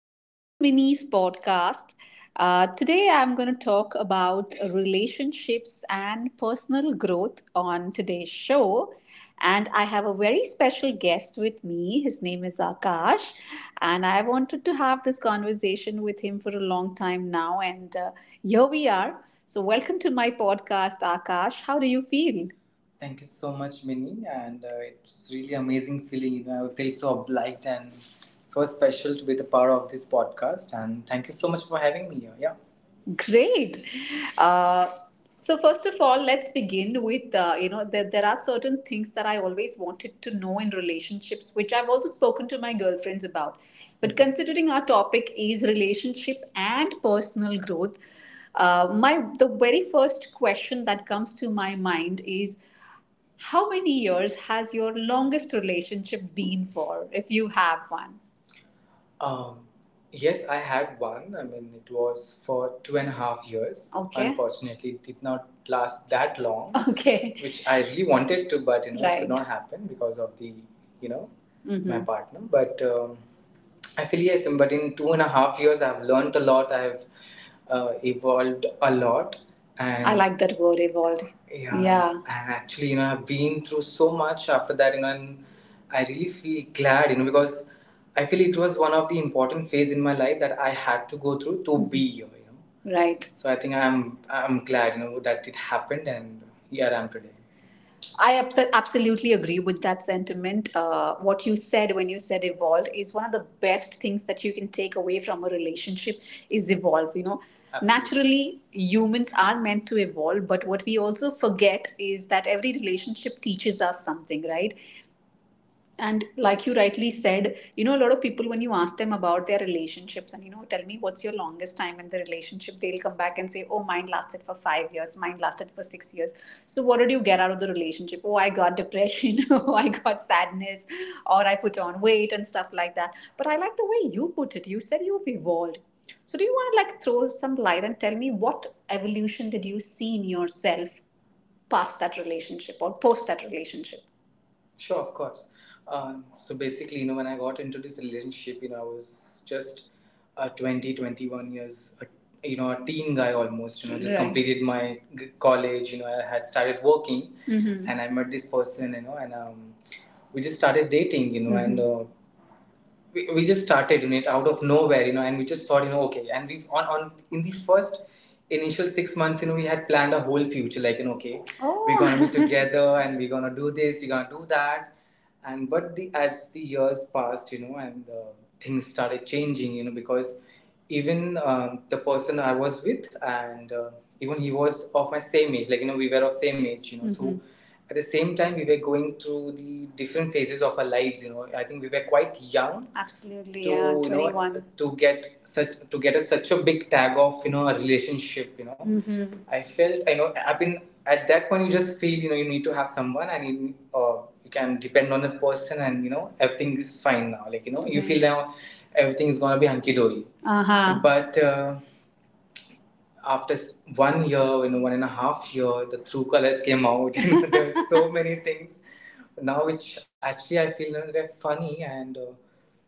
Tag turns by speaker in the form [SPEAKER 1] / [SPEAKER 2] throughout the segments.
[SPEAKER 1] Welcome to Minnie's podcast. Today, I'm going to talk about relationships and personal growth on today's show. And I have a very special guest with me. His name is Akash. And I wanted to have this conversation with him for a long time now. And Here we are. So, welcome to my podcast, Akash. How do you feel? Thank you so much, Minnie, and it's really amazing feeling. You know, I feel so obliged and so special to be the part of this podcast. And thank you so much for having me here. Yeah. Great. Uh, so first of all, let's begin with you know there are certain things that I always wanted to know in relationships, which I've also spoken to my girlfriends about. But considering our topic is relationship and personal growth, my the very first question that comes to my mind is how many years has your longest relationship been for, if you have one? Um, yes, I had one. I mean, it was for 2.5 years. Okay. Unfortunately, it did not last that long, okay, which I really wanted to, but you know, it could, right, not happen because of the, you know, my, mm-hmm, partner. But I feel yes, but in 2.5 years, I've learned a lot. I've evolved a lot, I and like that word evolved. Yeah, yeah. And actually, you know, I've been through so much after that, you know, and I really feel glad, you know, because I feel it was one of the important phase in my life that I had to go through to be here, you know. Right. So I think I'm glad, you know, that it happened and here I am today. I absolutely agree with that sentiment. What you said when you said evolved is one of the best things that you can take away from a relationship is evolve. You know, absolutely, naturally humans are meant to evolve, but what we also forget is that every relationship teaches us something, right? And like you rightly said, you know, a lot of people when you ask them about their relationships and, you know, tell me what's your longest time in the relationship, they'll come back and say, oh, mine lasted for 5 years, mine lasted for 6 years. So what did you get out of the relationship? Oh, I got depression. Oh, I got sadness or I put on weight and stuff like that. But I like the way you put it. You said you've evolved. So do you want to like throw some light and tell me what evolution did you see in yourself past that relationship or post that relationship? Sure, of course. So basically, you know, when I got into this relationship, you know, I was just a 21 years, a, you know, a teen guy almost, you know, just, right, completed my college, you know, I had started working, hmm, and I met this person, you know, and we just started dating, you know, and mhm. We just started in it out of nowhere, you know, and we just thought, you know, okay. And we on in the first initial 6 months, you know, we had planned a whole future, like you know, okay, oh, we're gonna be together and we're gonna do this, we're gonna do that. And but the as the years passed, you know, and things started changing, you know, because even the person I was with and even he was of my same age, like you know, we were of same age, you know, so mhm, at the same time we were going through the different phases of our lives, you know. I think we were quite young, absolutely, to, yeah, 21, you know, 21, to get such to get a, such a big tag of, you know, a relationship, you know. Mm-hmm. I felt I know I've been at that point you just feel, you know, you need to have someone and you, you can depend on a person and you know everything is fine now, like you know, mm-hmm, you feel, right, now everything is gonna be hunky dory, uh huh, but after 1 year, you know, 1.5 year, the True Colors came out. You know, there were so many things now, which actually I feel you know, they're funny. And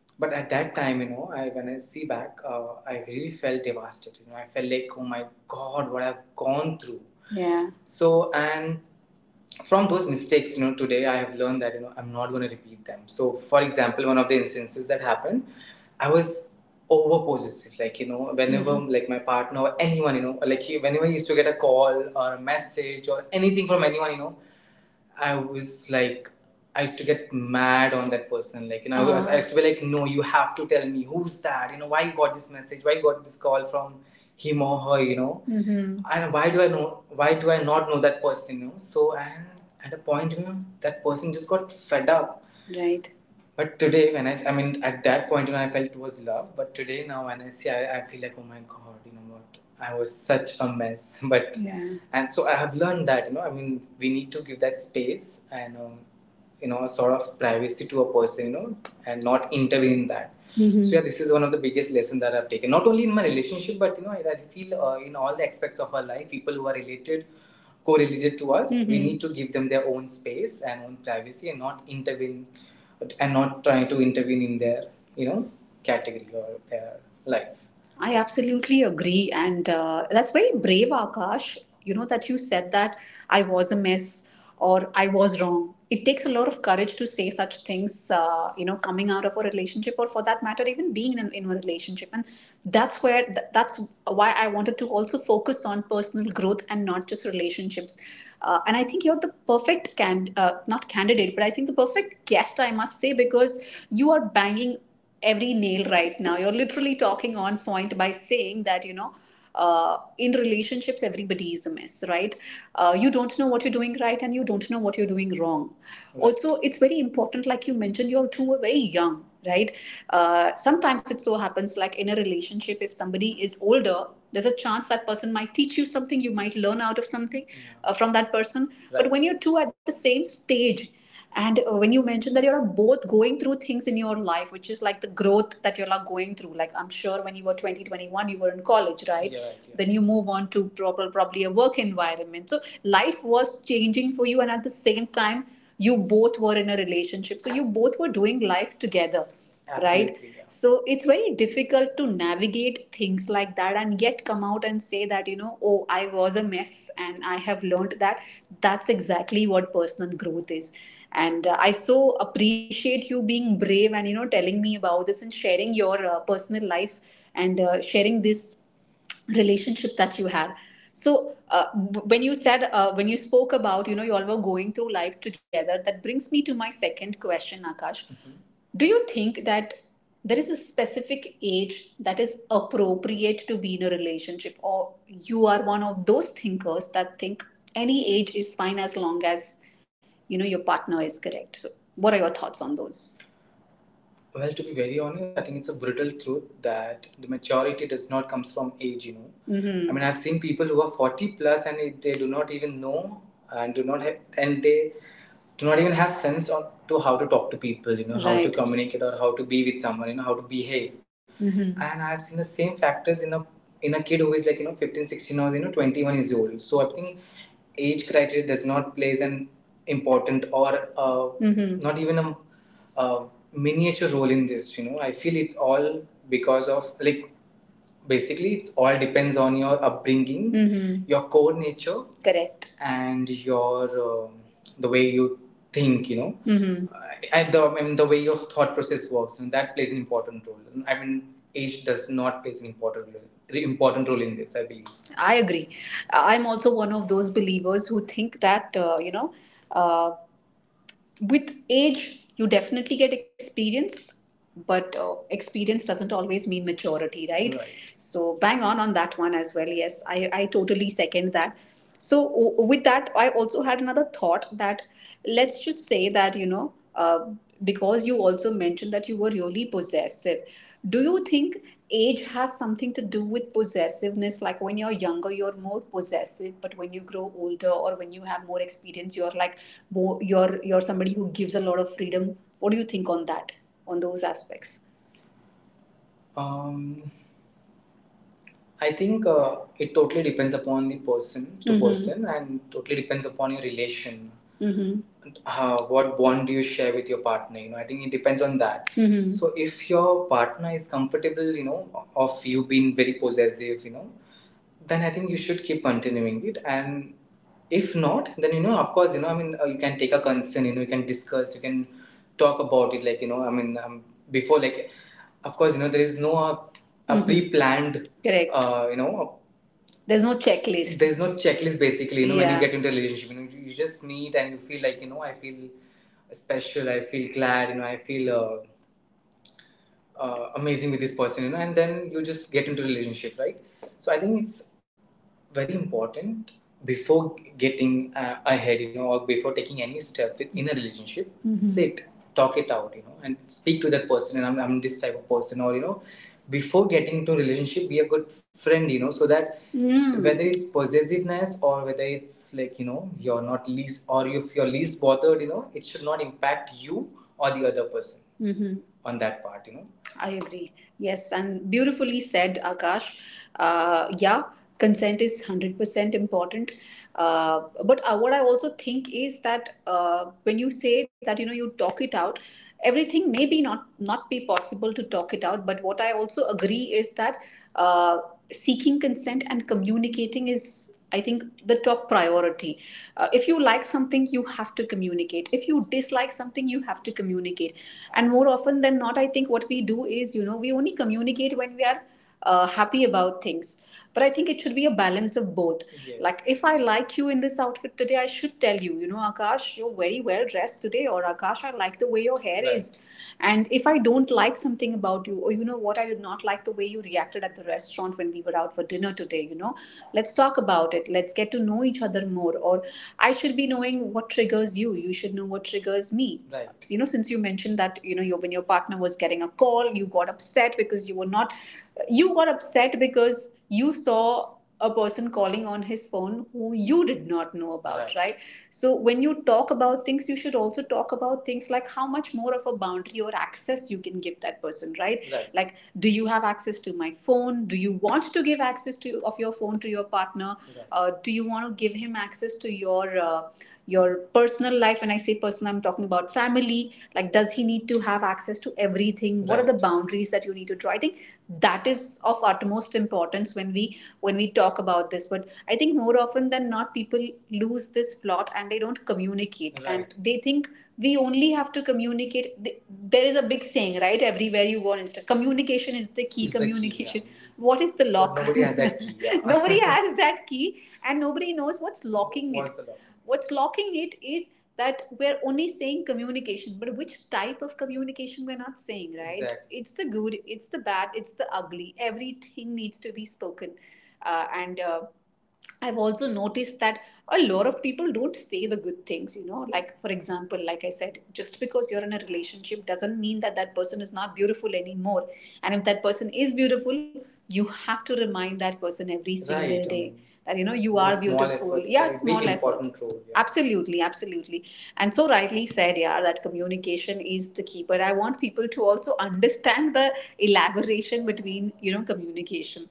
[SPEAKER 1] but at that time, you know, I when I see back, I really felt devastated. You know, I felt like, oh my god, what I've gone through. Yeah. So and from those mistakes, you know, today I have learned that, you know, I'm not going to repeat them. So for example, one of the instances that happened, I was over possessive, like you know, whenever, mhm, like my partner or anyone, you know, like whenever he used to get a call or a message or anything from anyone, you know, I was like, I used to get mad on that person. Like, you know, I used to be like, no, you have to tell me who's that. You know, why you got this message? Why you got this call from him or her? You know, mm-hmm, and why do I know? Why do I not know that person? You know, so and at a point, you know, that person just got fed up. Right. But today, when I mean, at that point, when I felt it was love. But today, now, when I see, I feel like, oh my god, you know what? I was such a mess. But yeah, and so I have learned that, you know, I mean, we need to give that space and you know, a sort of privacy to a person, you know, and not intervene in that. Mm-hmm. So yeah, this is one of the biggest lessons that I've taken, not only in my relationship, but you know, I feel in all the aspects of our life, people who are related correlated to us. Mm-hmm. We, mhm, need to give them their own space and own privacy and not intervene and not try to intervene in their, you know, category or their life. I absolutely agree. And that's very brave, Akash, you know, that you said that I was a mess or I was wrong. It takes a lot of courage to say such things, you know, coming out of a relationship or for that matter, even being in a relationship. And that's where, that's why I wanted to also focus on personal growth and not just relationships. And I think you're the perfect, not candidate, but I think the perfect guest, I must say, because you are banging every nail right now. You're literally talking on point by saying that, you know, in relationships, everybody is a mess, right? You don't know what you're doing right and you don't know what you're doing wrong. Right. Also, it's very important, like you mentioned, you're two are very young, right? Sometimes it so happens, like in a relationship, if somebody is older, there's a chance that person might teach you something, you might learn out of something from that person. Right. But when you're two at the same stage, and when you mentioned that you're both going through things in your life, which is like the growth that you're like going through, like I'm sure when you were 20, 21, you were in college, right? Yeah, right, yeah. Then you move on to probably a work environment. So life was changing for you, and at the same time, you both were in a relationship. So you both were doing life together. Absolutely, right? Yeah. So it's very difficult to navigate things like that and yet come out and say that, you know, oh, I was a mess and I have learned that. That's exactly what personal growth is. And I so appreciate you being brave and, you know, telling me about this and sharing your personal life and sharing this relationship that you had. So when you said when you spoke about, you know, you all were going through life together, that brings me to my second question, Akash. Do you think that there is a specific age that is appropriate to be in a relationship, or you are one of those thinkers that think any age is fine as long as, you know, your partner is correct? So, what are your thoughts on those? Well, to be very honest, I think it's a brutal truth that the majority does not comes from age. I mean, I've seen people who are 40 plus, and they do not even know and do not have and they do not even have sense on to how to talk to people, You know, right, how to, right, communicate or how to be with someone. How to behave. And I've seen the same factors in a kid who is like fifteen sixteen 16, or 21 years old. So I think age criteria does not plays an important or not even a uh, miniature role in this. I feel it's all because of, like, basically, it's all depends on your upbringing, mm-hmm, your core nature, correct, and your the way you think. Mm-hmm. I mean, the way your thought process works, and that plays an important role. I mean, age does not play an important role, in this, I believe. I agree. I'm also one of those believers who think that, uh, with age you definitely get experience, but experience doesn't always mean maturity, right? Right? So bang on that one as well. Yes, I totally second that. So with that, I also had another thought that, let's just say that, because you also mentioned that you were really possessive, do you think age has something to do with possessiveness? Like, when you're younger you're more possessive, but when you grow older or when you have more experience, you're like more, you're somebody who gives a lot of freedom. What do you think on that, on those aspects? Um, I think it totally depends upon the person to, mhm, person, and totally depends upon your relation. Mm-hmm. What bond do you share with your partner? I think it depends on that. Mm-hmm. So if your partner is comfortable, of you being very possessive, then I think you should keep continuing it. And if not, then, of course, I mean, you can take a concern, you can discuss, you can talk about it, like, I mean, before, like, of course, there is no a, mhm, pre-planned, correct, there's no checklist basically. Yeah, when, yeah, you get into a relationship, you just meet and you feel like, I feel special, I feel glad, I feel. Amazing with this person, and then you just get into a relationship, right? So I think it's very important before getting ahead, or before taking any step in a relationship, mhm, sit, talk it out, and speak to that person. And I'm this type of person, or, before getting into a relationship, be a good friend, so that, mm, whether it's possessiveness or whether it's like, you're not least, or if you're least bothered, it should not impact you or the other person, mhm, on that part. I agree. Yes, and beautifully said, Akash. Yeah, consent is 100% important. But what I also think is that, when you say that, you talk it out, everything may be not, not be possible to talk it out. But what I also agree is that, uh, seeking consent and communicating is, I think, the top priority. If you like something, you have to communicate. If you dislike something, you have to communicate. And more often than not, I think what we do is, we only communicate when we are happy about things. But I think it should be a balance of both. Yes, like, if I like you in this outfit today, I should tell you, you know Akash, you're very well dressed today, or Akash, I like the way your hair, right, is. And if I don't like something about you, or you know what, I did not like the way you reacted at the restaurant when we were out for dinner today, let's talk about it. Let's get to know each other more. Or I should be knowing what triggers you. You should know what triggers me. Right. Since you mentioned that, when your partner was getting a call, you got upset because you were not, you got upset because you saw a person calling on his phone who you did not know about, right? Right? So when you talk about things, you should also talk about things like how much more of a boundary or access you can give that person, right? Right. Like, do you have access to my phone? Do you want to give access to of your phone to your partner? Right. Do you want to give him access to your your personal life? When I say personal, I'm talking about family. Like, does he need to have access to everything? Right. What are the, right, boundaries that you need to draw? I think that is of utmost importance when we talk about this. But I think more often than not, people lose this plot and they don't communicate, right, and they think we only have to communicate. There is a big saying, right, everywhere you go on Instagram, communication is the key. Is the key, communication. What is the But lock But nobody has that key. Yeah. Nobody has that key, and nobody knows what's locking, what's it, the lock? What's locking it is that we're only saying communication, but which type of communication we're not saying, right? Exactly. It's the good, it's the bad, it's the ugly. Everything needs to be spoken. And I've also noticed that a lot of people don't say the good things, like, for example, like I said, just because you're in a relationship doesn't mean that that person is not beautiful anymore. And if that person is beautiful, you have to remind that person every single, right, day that, you are beautiful. Efforts, yeah, play, small, big efforts. Yeah, absolutely, absolutely. And so rightly said, yeah, that communication is the key, but I want people to also understand the elaboration between, communication.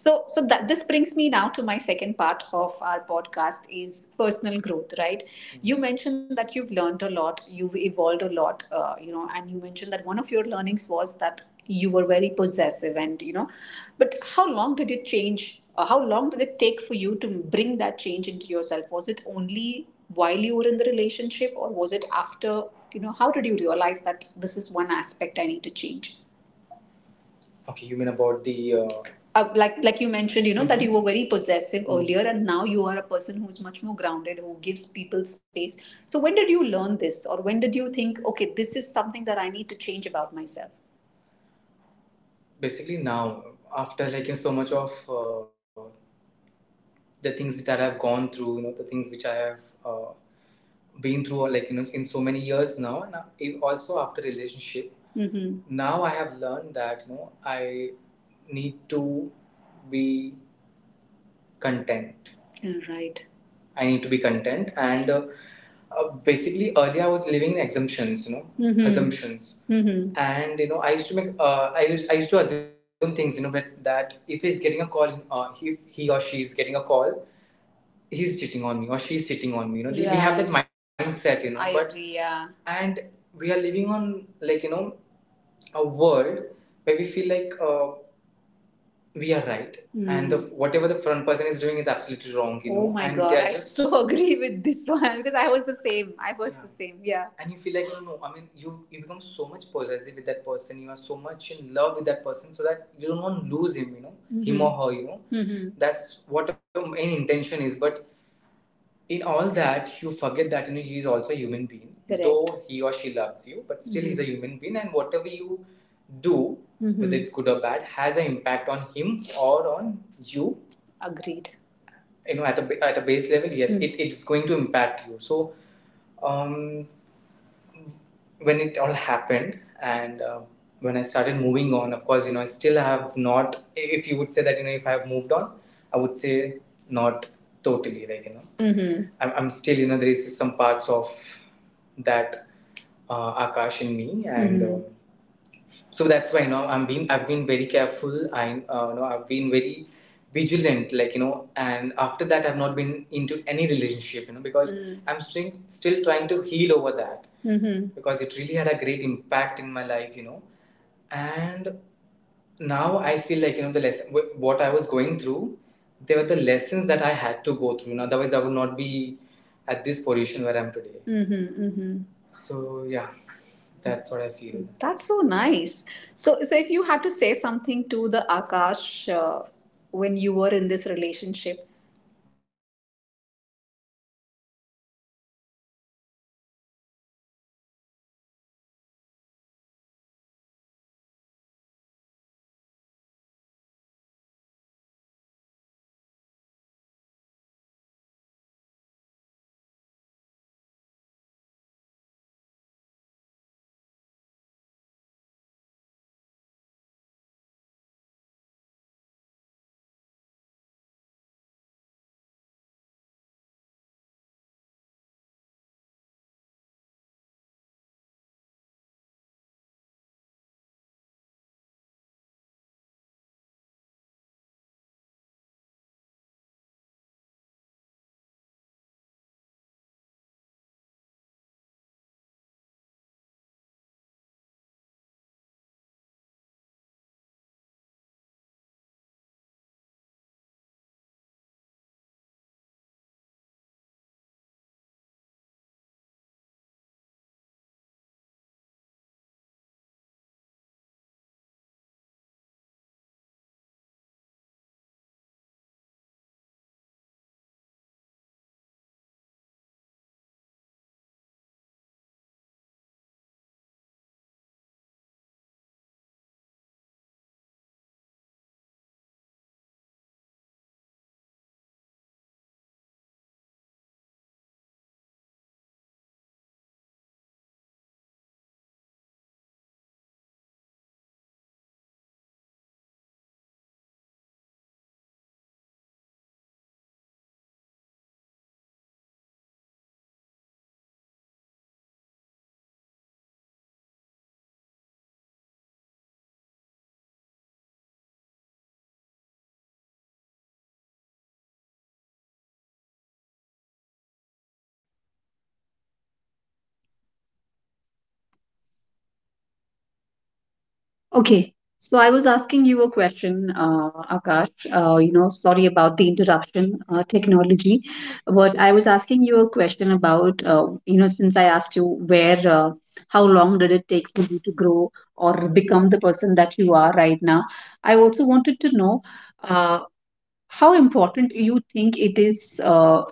[SPEAKER 1] So that this brings me now to my second part of our podcast, is personal growth, right? Mm-hmm. You mentioned that you've learned a lot, you've evolved a lot, and you mentioned that one of your learnings was that you were very possessive, and, but how long did it take for you to bring that change into yourself? Was it only while you were in the relationship, or was it after? How did you realize that this is one aspect I need to change? Okay, you mean about the. Like, you mentioned, mm-hmm, that you were very possessive, mm-hmm, earlier, and now you are a person who's much more grounded, who gives people space. So when did you learn this, or when did you think, okay, this is something that I need to change about myself? Basically, now, after like so much of the things that I have gone through, the things which I have uh, been through, or, like, in so many years now, and also after relationship, mm-hmm, now I have learned that, I need to be content. Right. I need to be content, and, basically, earlier I was living in exemptions, mhm, assumptions, mm-hmm. And I used to make I used to assume things, but that, if he's getting a call, if he or she is getting a call, he's cheating on me or she's cheating on me, we have that mindset, I but agree, yeah. And we are living on, like, a world where we feel like we are right. Mm. And whatever the front person is doing is absolutely wrong, oh my and god, I just so agree with this one, because I was the same. I was, yeah, the same, yeah. And you feel like, no, no, I mean, you become so much possessive with that person, you are so much in love with that person, so that you don't want to lose him, mm-hmm, him, mhm, or her, mhm. That's what, an intention is. But in all that, you forget that, he is also a human being, correct, though he or she loves you, but still, mm-hmm, he's a human being, and whatever you do, mm-hmm, whether it's good or bad, has an impact on him or on you. Agreed. At a base level, yes, mm, it's going to impact you. So, um when it all happened, and, when I started moving on, of course, I still have not, if you would say that, if I have moved on, I would say, not totally, like, mm-hmm, I'm still, there is some parts of that Akash in me, and, mhm, so that's why, I've been very careful. I you know I've been very vigilant, like, and after that, I've not been into any relationship, because I'm still trying to heal over that. Mm-hmm. Because it really had a great impact in my life, and now I feel like, the lesson what I was going through. They were the lessons that I had to go through. Otherwise I would not be at this position where I'm today. Mm-hmm, mm-hmm. So yeah, that's what I feel. That's so nice. So, if you had to say something to the Akash, when you were in this
[SPEAKER 2] Okay. So I was asking you a question, Akash. Sorry about the interruption, technology. But I was asking you a question about, since I asked you where, how long did it take for you to grow or become the person that you are right now? I also wanted to know, uh, how important you think it is,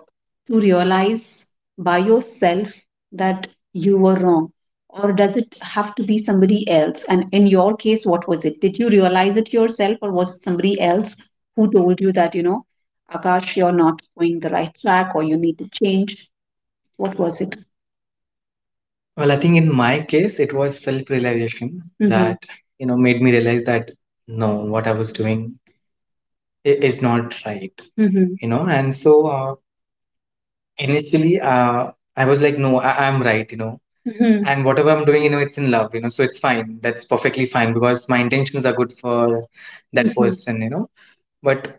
[SPEAKER 2] to realize by yourself that you were wrong? Or does it have to be somebody else? And in your case, what was it? Did you realize it yourself, or was it somebody else who told you that, you know, Akash, you're not going the right track or you need to change? What was it? Well, I think in my case, it was self realization. Mm-hmm. That, you know, made me realize that no, what I was doing is not right, Mm-hmm. you know. And so initially, I was like, no, I'm right, you know. Mhm. And whatever I'm doing, you know, it's in love, you know, so it's fine. That's perfectly fine because my intentions are good for that, Mhm. person, you know. But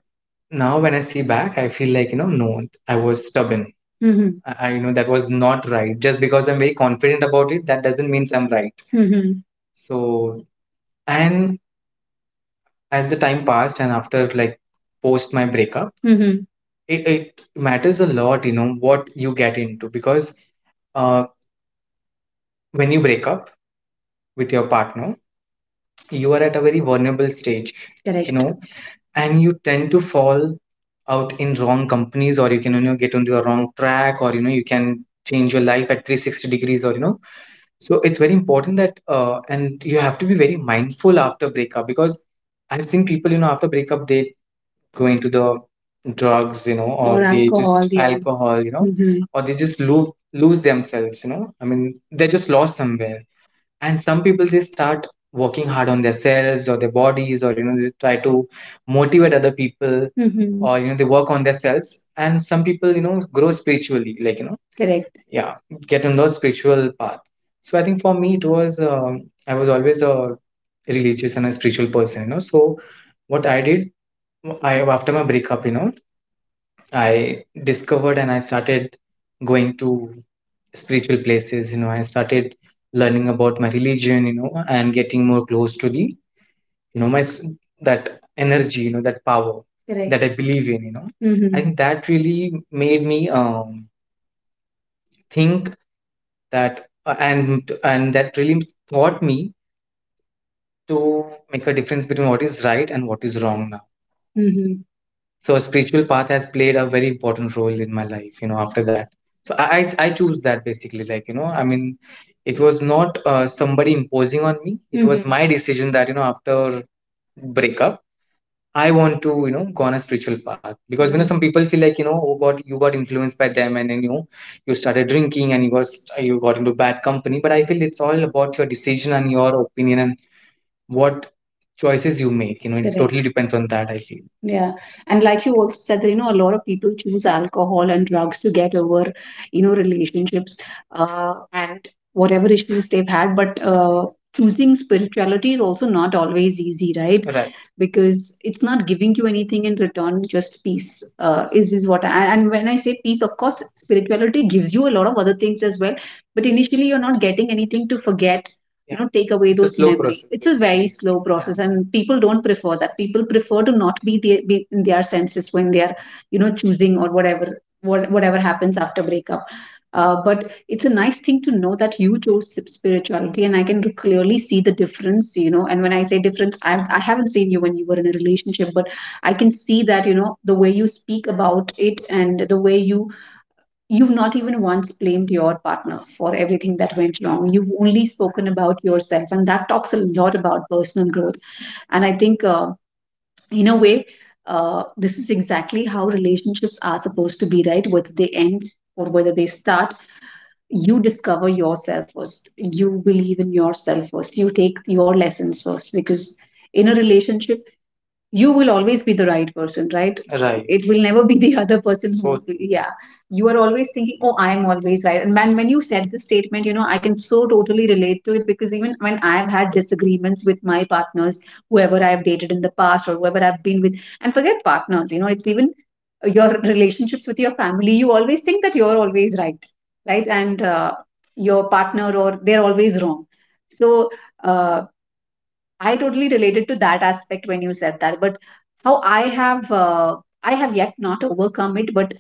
[SPEAKER 2] now when I see back, I feel like, you know, no, I was stubborn. Mhm. You know, that was not right. Just because I'm very confident about it, that doesn't mean I'm right. Mhm. So, and as the time passed and after like post my breakup, Mhm. it matters a lot, you know, what you get into because uh, when you break up with your partner, you are at a very vulnerable stage, you Correct. Know, and you tend to fall out in wrong companies, or you can, you know, get on the wrong track, or, you know, you can change your life at 360 degrees, or, you know, so it's very important that, and you have to be very mindful after breakup because I've seen people, you know, after breakup, they go into the drugs, you know. Or they alcohol, just yeah. alcohol, you know, hmm or they just lose themselves, you know, I mean, they're just lost somewhere. And some people they start working hard on themselves or their bodies, or you know they try to motivate other people, hmm or you know they work on themselves. And some people, you know, grow spiritually, like you know, Correct. yeah, get on the spiritual path. So I think for me it was, I was always a religious and a spiritual person, you know. So what I did, I after my breakup, you know, I discovered and I started going to spiritual places, you know. I started learning about my religion, you know, and getting more close to the, you know, that energy, you know, that power, Correct. That I believe in, you know, I Mm-hmm. think that really made me, think that, and that really taught me to make a difference between what is right and what is wrong now. So a spiritual path has played a very important role in my life, you know, after that. So I choose that basically, like, you know, I mean, it was not somebody imposing on me. It was hmm my decision that, you know, after breakup, I want to, you know, go on a spiritual path. Because, you know, some people feel like, you know, oh God, you got influenced by them, and then, you know, you started drinking and you got into bad company. But I feel it's all about your decision and your opinion and what choices you make, you know, it Correct. Totally depends on that, I feel. Yeah. And like you also said, that, you know, a lot of people choose alcohol and drugs to get over, you know, relationships, and whatever issues they've had. But choosing spirituality is also not always easy, right? Right. Because it's not giving you anything in return, just peace, is what I. And when I say peace, of course, spirituality gives you a lot of other things as well. But initially, you're not getting anything to forget, yeah. you know take away. It's those memories, it's a very slow process, yeah. and people don't prefer that. People prefer to not be in their senses when they are, you know, choosing or whatever, whatever happens after breakup. But it's a nice thing to know that you chose spirituality, and I can clearly see the difference, you know. And when I say difference, I haven't seen you when you were in a relationship, but I can see that, you know, the way you speak about it and the way you, you've not even once blamed your partner for everything that went wrong. You've only spoken about yourself, and that talks a lot about personal growth. And I think, in a way, this is exactly how relationships are supposed to be, right? Whether they end or whether they start, you discover yourself first. You believe in yourself first. You take your lessons first, because in a relationship, you will always be the right person, right? Right. It will never be the other person. So true. Yeah, you are always thinking oh I am always right. And man, when you said this statement, you know, I can so totally relate to it, because even when I've had disagreements with my partners, whoever I've dated in the past or whoever I've been with, and forget partners, you know, it's even, your relationships with your family, you always think that you're always right, right, and, your partner or they're always wrong. So, uh, I totally related to that aspect when you said that. But how I have, I have yet not overcome it, but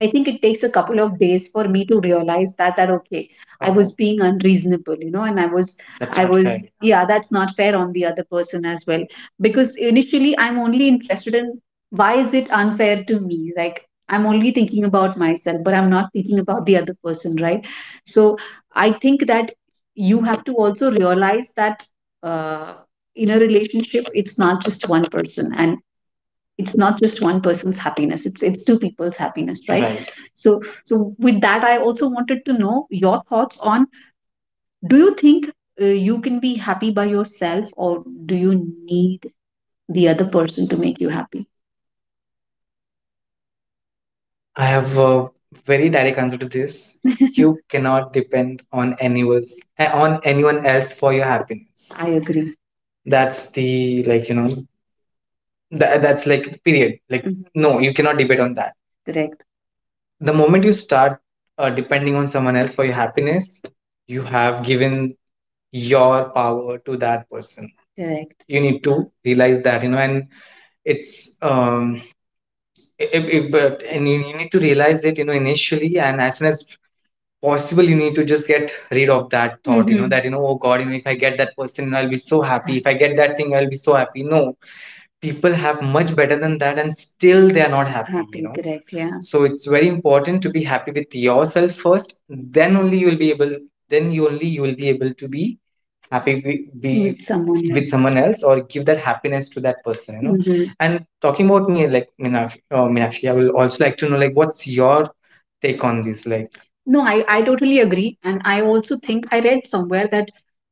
[SPEAKER 2] I think it takes a couple of days for me to realize that okay, I was Oh, being unreasonable, you know, and I was that's I not fair. Was fair. Yeah, that's not fair on the other person as well. Because initially I'm only interested in why is it unfair to me? Like I'm only thinking about myself, but I'm not thinking about the other person, right? So I think that you have to also realize that, uh, in a relationship, it's not just one person, and it's not just one person's happiness, it's two people's happiness, right? Right. So so with that I also wanted to know your thoughts on, do you think, you can be happy by yourself, or do you need the other person to make you happy? I have a very direct answer to this. You cannot depend on on anyone else for your happiness. I agree. That's the like, you know, that's like period, like Mhm. No, you cannot debate on that. Correct. The moment you start, depending on someone else for your happiness, you have given your power to that person. Correct. You need to realize that, you know, and it's, it, it, but and you need to realize it, you know, initially, and as soon as possible, you need to just get rid of that thought, you know, Mm-hmm. that, you know, oh God, you know, if I get that person, you know, I'll be so happy. If I get that thing, I'll be so happy. No, people have much better than that and still they are not happy, you Happy, you know correct, yeah. So it's very important to be happy with yourself first, then only you will be able, then you only you will be able to be happy, be With someone else. With someone else, or give that happiness to that person, you know, hmm and talking about me like Meenakshi, I will also like to know like what's your take on this, like, No, I totally agree. And I also think I read somewhere that,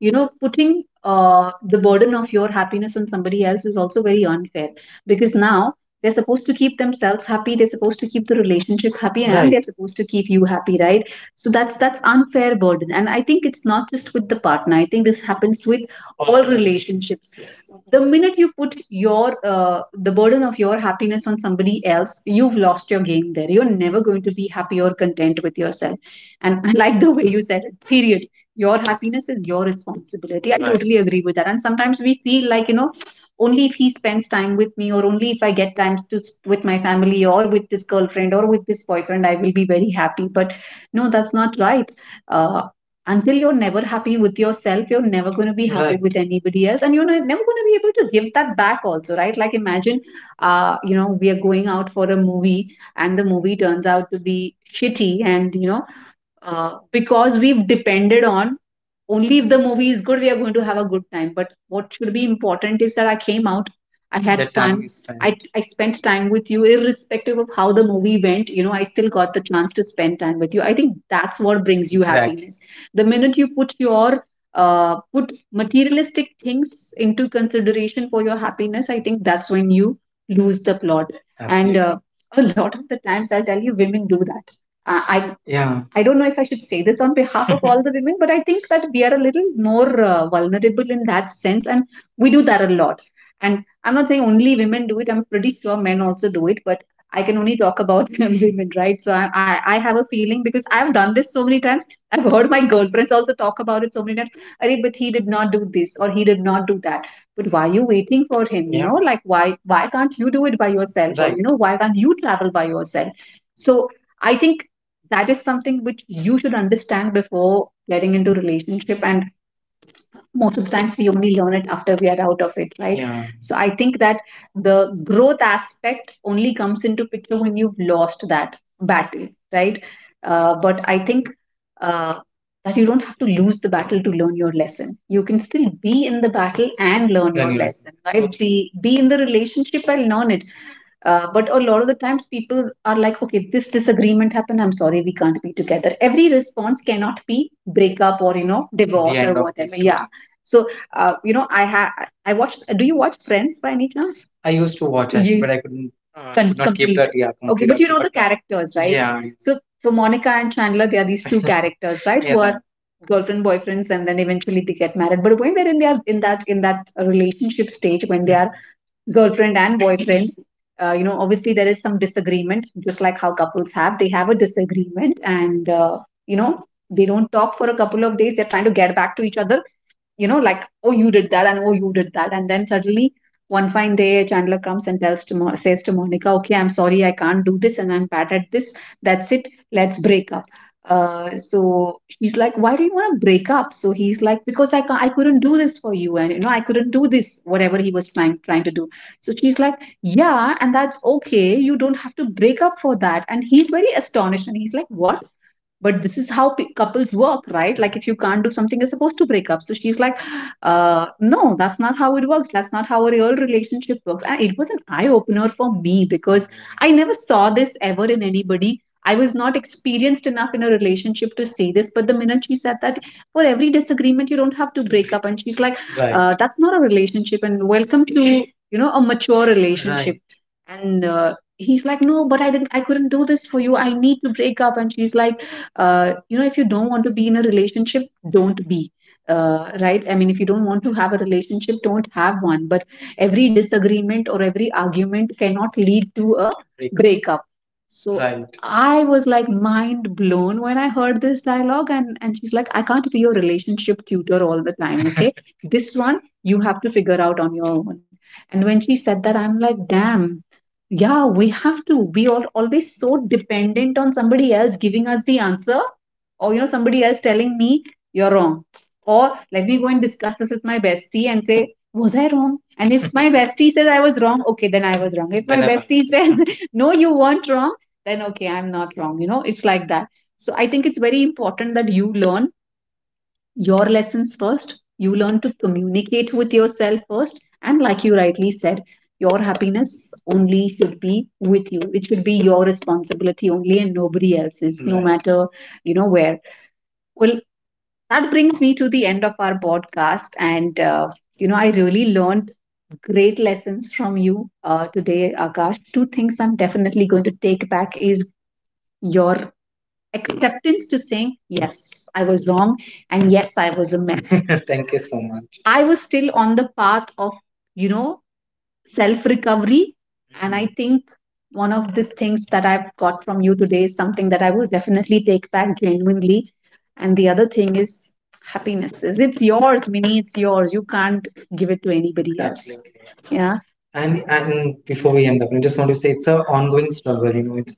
[SPEAKER 2] you know, putting the burden of your happiness on somebody else is also very unfair, because now they're supposed to keep themselves happy, they're supposed to keep the relationship happy, and right they're supposed to keep you happy, right? So that's unfair burden. And I think it's not just with the partner. I think this happens with all relationships. Yes. The minute you put your, the burden of your happiness on somebody else, you've lost your game there, you're never going to be happy or content with yourself. And I like the way you said it, period. Your happiness is your responsibility. I Right. Totally agree with that. And sometimes we feel like, only if he spends time with me, or only if I get time to with my family or with this girlfriend or with this boyfriend, I will be very happy. But no, that's not right. uh, until you're never happy with yourself, you're never going to be happy, Right, with anybody else. And you're never going to be able to give that back also, right? Like, imagine we are going out for a movie and the movie turns out to be shitty, and because we've depended on only if the movie is good, we are going to have a good time. But what should be important is that I came out, I had The time fun, is spent. I spent time with you, irrespective of how the movie went. You know, I still got the chance to spend time with you. I think that's what brings you, Exactly, happiness. The minute you put your put materialistic things into consideration for your happiness, I think that's when you lose the plot. And, Absolutely, a lot of the times, I'll tell you, women do that. I, Yeah, I don't know if I should say this on behalf of all the women, but I think that we are a little more vulnerable in that sense, and we do that a lot. And I'm not saying only women do it. I'm pretty sure men also do it, but I can only talk about women, right? So I have a feeling because I've done this so many times. I've heard my girlfriends also talk about it so many times. Arey, but he did not do this or he did not do that. But why are you waiting for him? You yeah know, like, why can't you do it by yourself? Or right you know, why can't you travel by yourself? So I think that is something which you should understand before getting into relationship. And most of the times we only learn it after we are out of it, right? Yeah. So I think that the growth aspect only comes into picture when you've lost that battle, right? But I think uh, that you don't have to lose the battle to learn your lesson. You can still be in the battle and learn then your lesson. Lesson so right be in the relationship and learn it. But a lot of the times people are like, okay, this disagreement happened. I'm sorry, we can't be together. Every response cannot be breakup or, you know, The divorce or end of the whatever. Yeah. story. So, you know, I have, I watched, do you watch Friends by any chance? I used to watch actually, You but You I couldn't. Could not keep complete. That. Yeah, Okay, complete but up. You also. Know But the characters, right? Yeah, so, Monica and Chandler, they are these two characters, right? Who yes, I, are girlfriend boyfriends, and then eventually they get married. But when they're in their in that relationship stage, when they are girlfriend and boyfriend, obviously there is some disagreement, just like how couples have, they have a disagreement. And you know they don't talk for a couple of days. They're trying to get back to each other, you know, like, oh, you did that and oh, you did that. And then suddenly one fine day, Chandler comes and says to Monica, okay, I'm sorry, I can't do this and I'm bad at this. That's it. Let's break up. So she's like, why do you want to break up? So he's like, because I can't, I couldn't do this for you. And, you know, I couldn't do this, whatever he was trying to do. So she's like, yeah, and that's okay. You don't have to break up for that. And he's very astonished. And he's like, what? But this is how couples work, right? Like, if you can't do something you're supposed to break up. So she's like, no, that's not how it works. That's not how a real relationship works. And it was an eye-opener for me, because I never saw this ever in anybody. I was not experienced enough in a relationship to see this. But the minute she said that, for every disagreement you don't have to break up. And she's like, right, that's not a relationship. And welcome to, you know, a mature relationship, right? And he's like, no, but I couldn't do this for you. I need to break up. And she's like, you know, if you don't want to be in a relationship, don't be. Right, I mean, if you don't want to have a relationship, don't have one. But every disagreement or every argument cannot lead to a breakup. So right, I was like mind blown when I heard this dialogue. And she's like, I can't be your relationship tutor all the time, okay? This one you have to figure out on your own. And when she said that, I'm like, damn, yeah, we have to. We are always so dependent on somebody else giving us the answer, or you know, somebody else telling me you're wrong, or let me go and discuss this with my bestie and say, was I wrong? And if my bestie says I was wrong, okay, then I was wrong. If my then I'm bestie says no, you weren't wrong, then okay, I'm not wrong. You know, it's like that. So I think it's very important that you learn your lessons first. You learn to communicate with yourself first. And like you rightly said, your happiness only should be with you. It should be your responsibility only and nobody else's, no Right. matter, you know, where. Well, that brings me to the end of our podcast. And, you know, I really learned great lessons from you today, Akash. Two things I'm definitely going to take back is your acceptance to saying yes, I was wrong, and yes, I was a mess. Thank you so much. I was still on the path of, you know, self recovery. And I think one of these things that I've got from you today is something that I will definitely take back, genuinely. And the other thing is happiness is, it's yours, Mini, it's yours. You can't give it to anybody else. Absolutely. Yeah. And before we end up, I just want to say it's an ongoing struggle. You know, it's,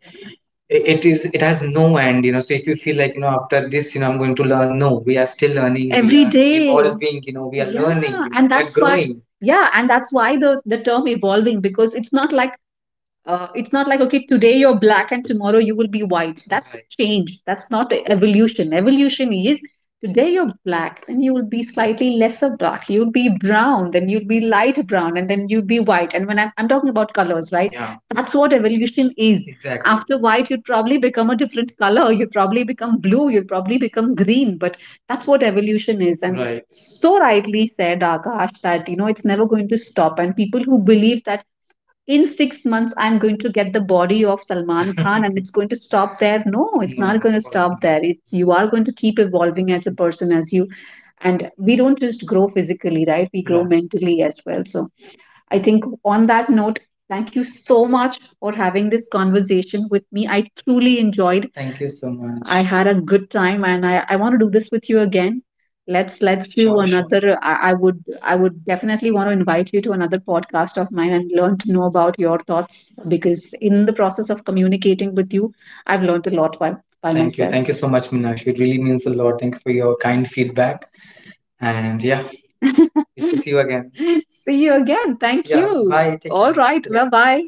[SPEAKER 2] it has no end, you know. So if you feel like, you know, after this, you know, I'm going to learn, no, we are still learning. We every are day evolving, you know, we are learning. Yeah, you know, and we are that's why growing. Yeah, and that's why the term evolving, because it's not like it's not like, okay, today you're black and tomorrow you will be white. That's Right. change. That's not evolution. Evolution is today you're black, then you will be slightly lesser black. You'll be brown, then you'll be light brown, and then you'll be white. And when I'm talking about colors, right? Yeah, That's what evolution is. Exactly. After white, you'd probably become a different color. You'd probably become blue. You'd probably become green. But that's what evolution is. And, Right, so rightly said Akash, that you know it's never going to stop. And people who believe that in 6 months I'm going to get the body of Salman Khan and it's going to stop there, no, it's No, not going to stop there. It's, you are going to keep evolving as a person as you. And we don't just grow physically, right? We grow no mentally as well. So I think on that note, thank you so much for having this conversation with me. I truly enjoyed. Thank you so much. I had a good time, and I want to do this with you again. Let's do Sure, sure. another. I would definitely want to invite you to another podcast of mine and learn to know about your thoughts. Because in the process of communicating with you, I've learned a lot by Thank you. Myself. Thank you so much, Minakshi. It really means a lot. Thank you for your kind feedback. And yeah, it's to see you again. See you again. Thank Yeah, you. Bye. Take All care. Right. Yeah. Bye bye.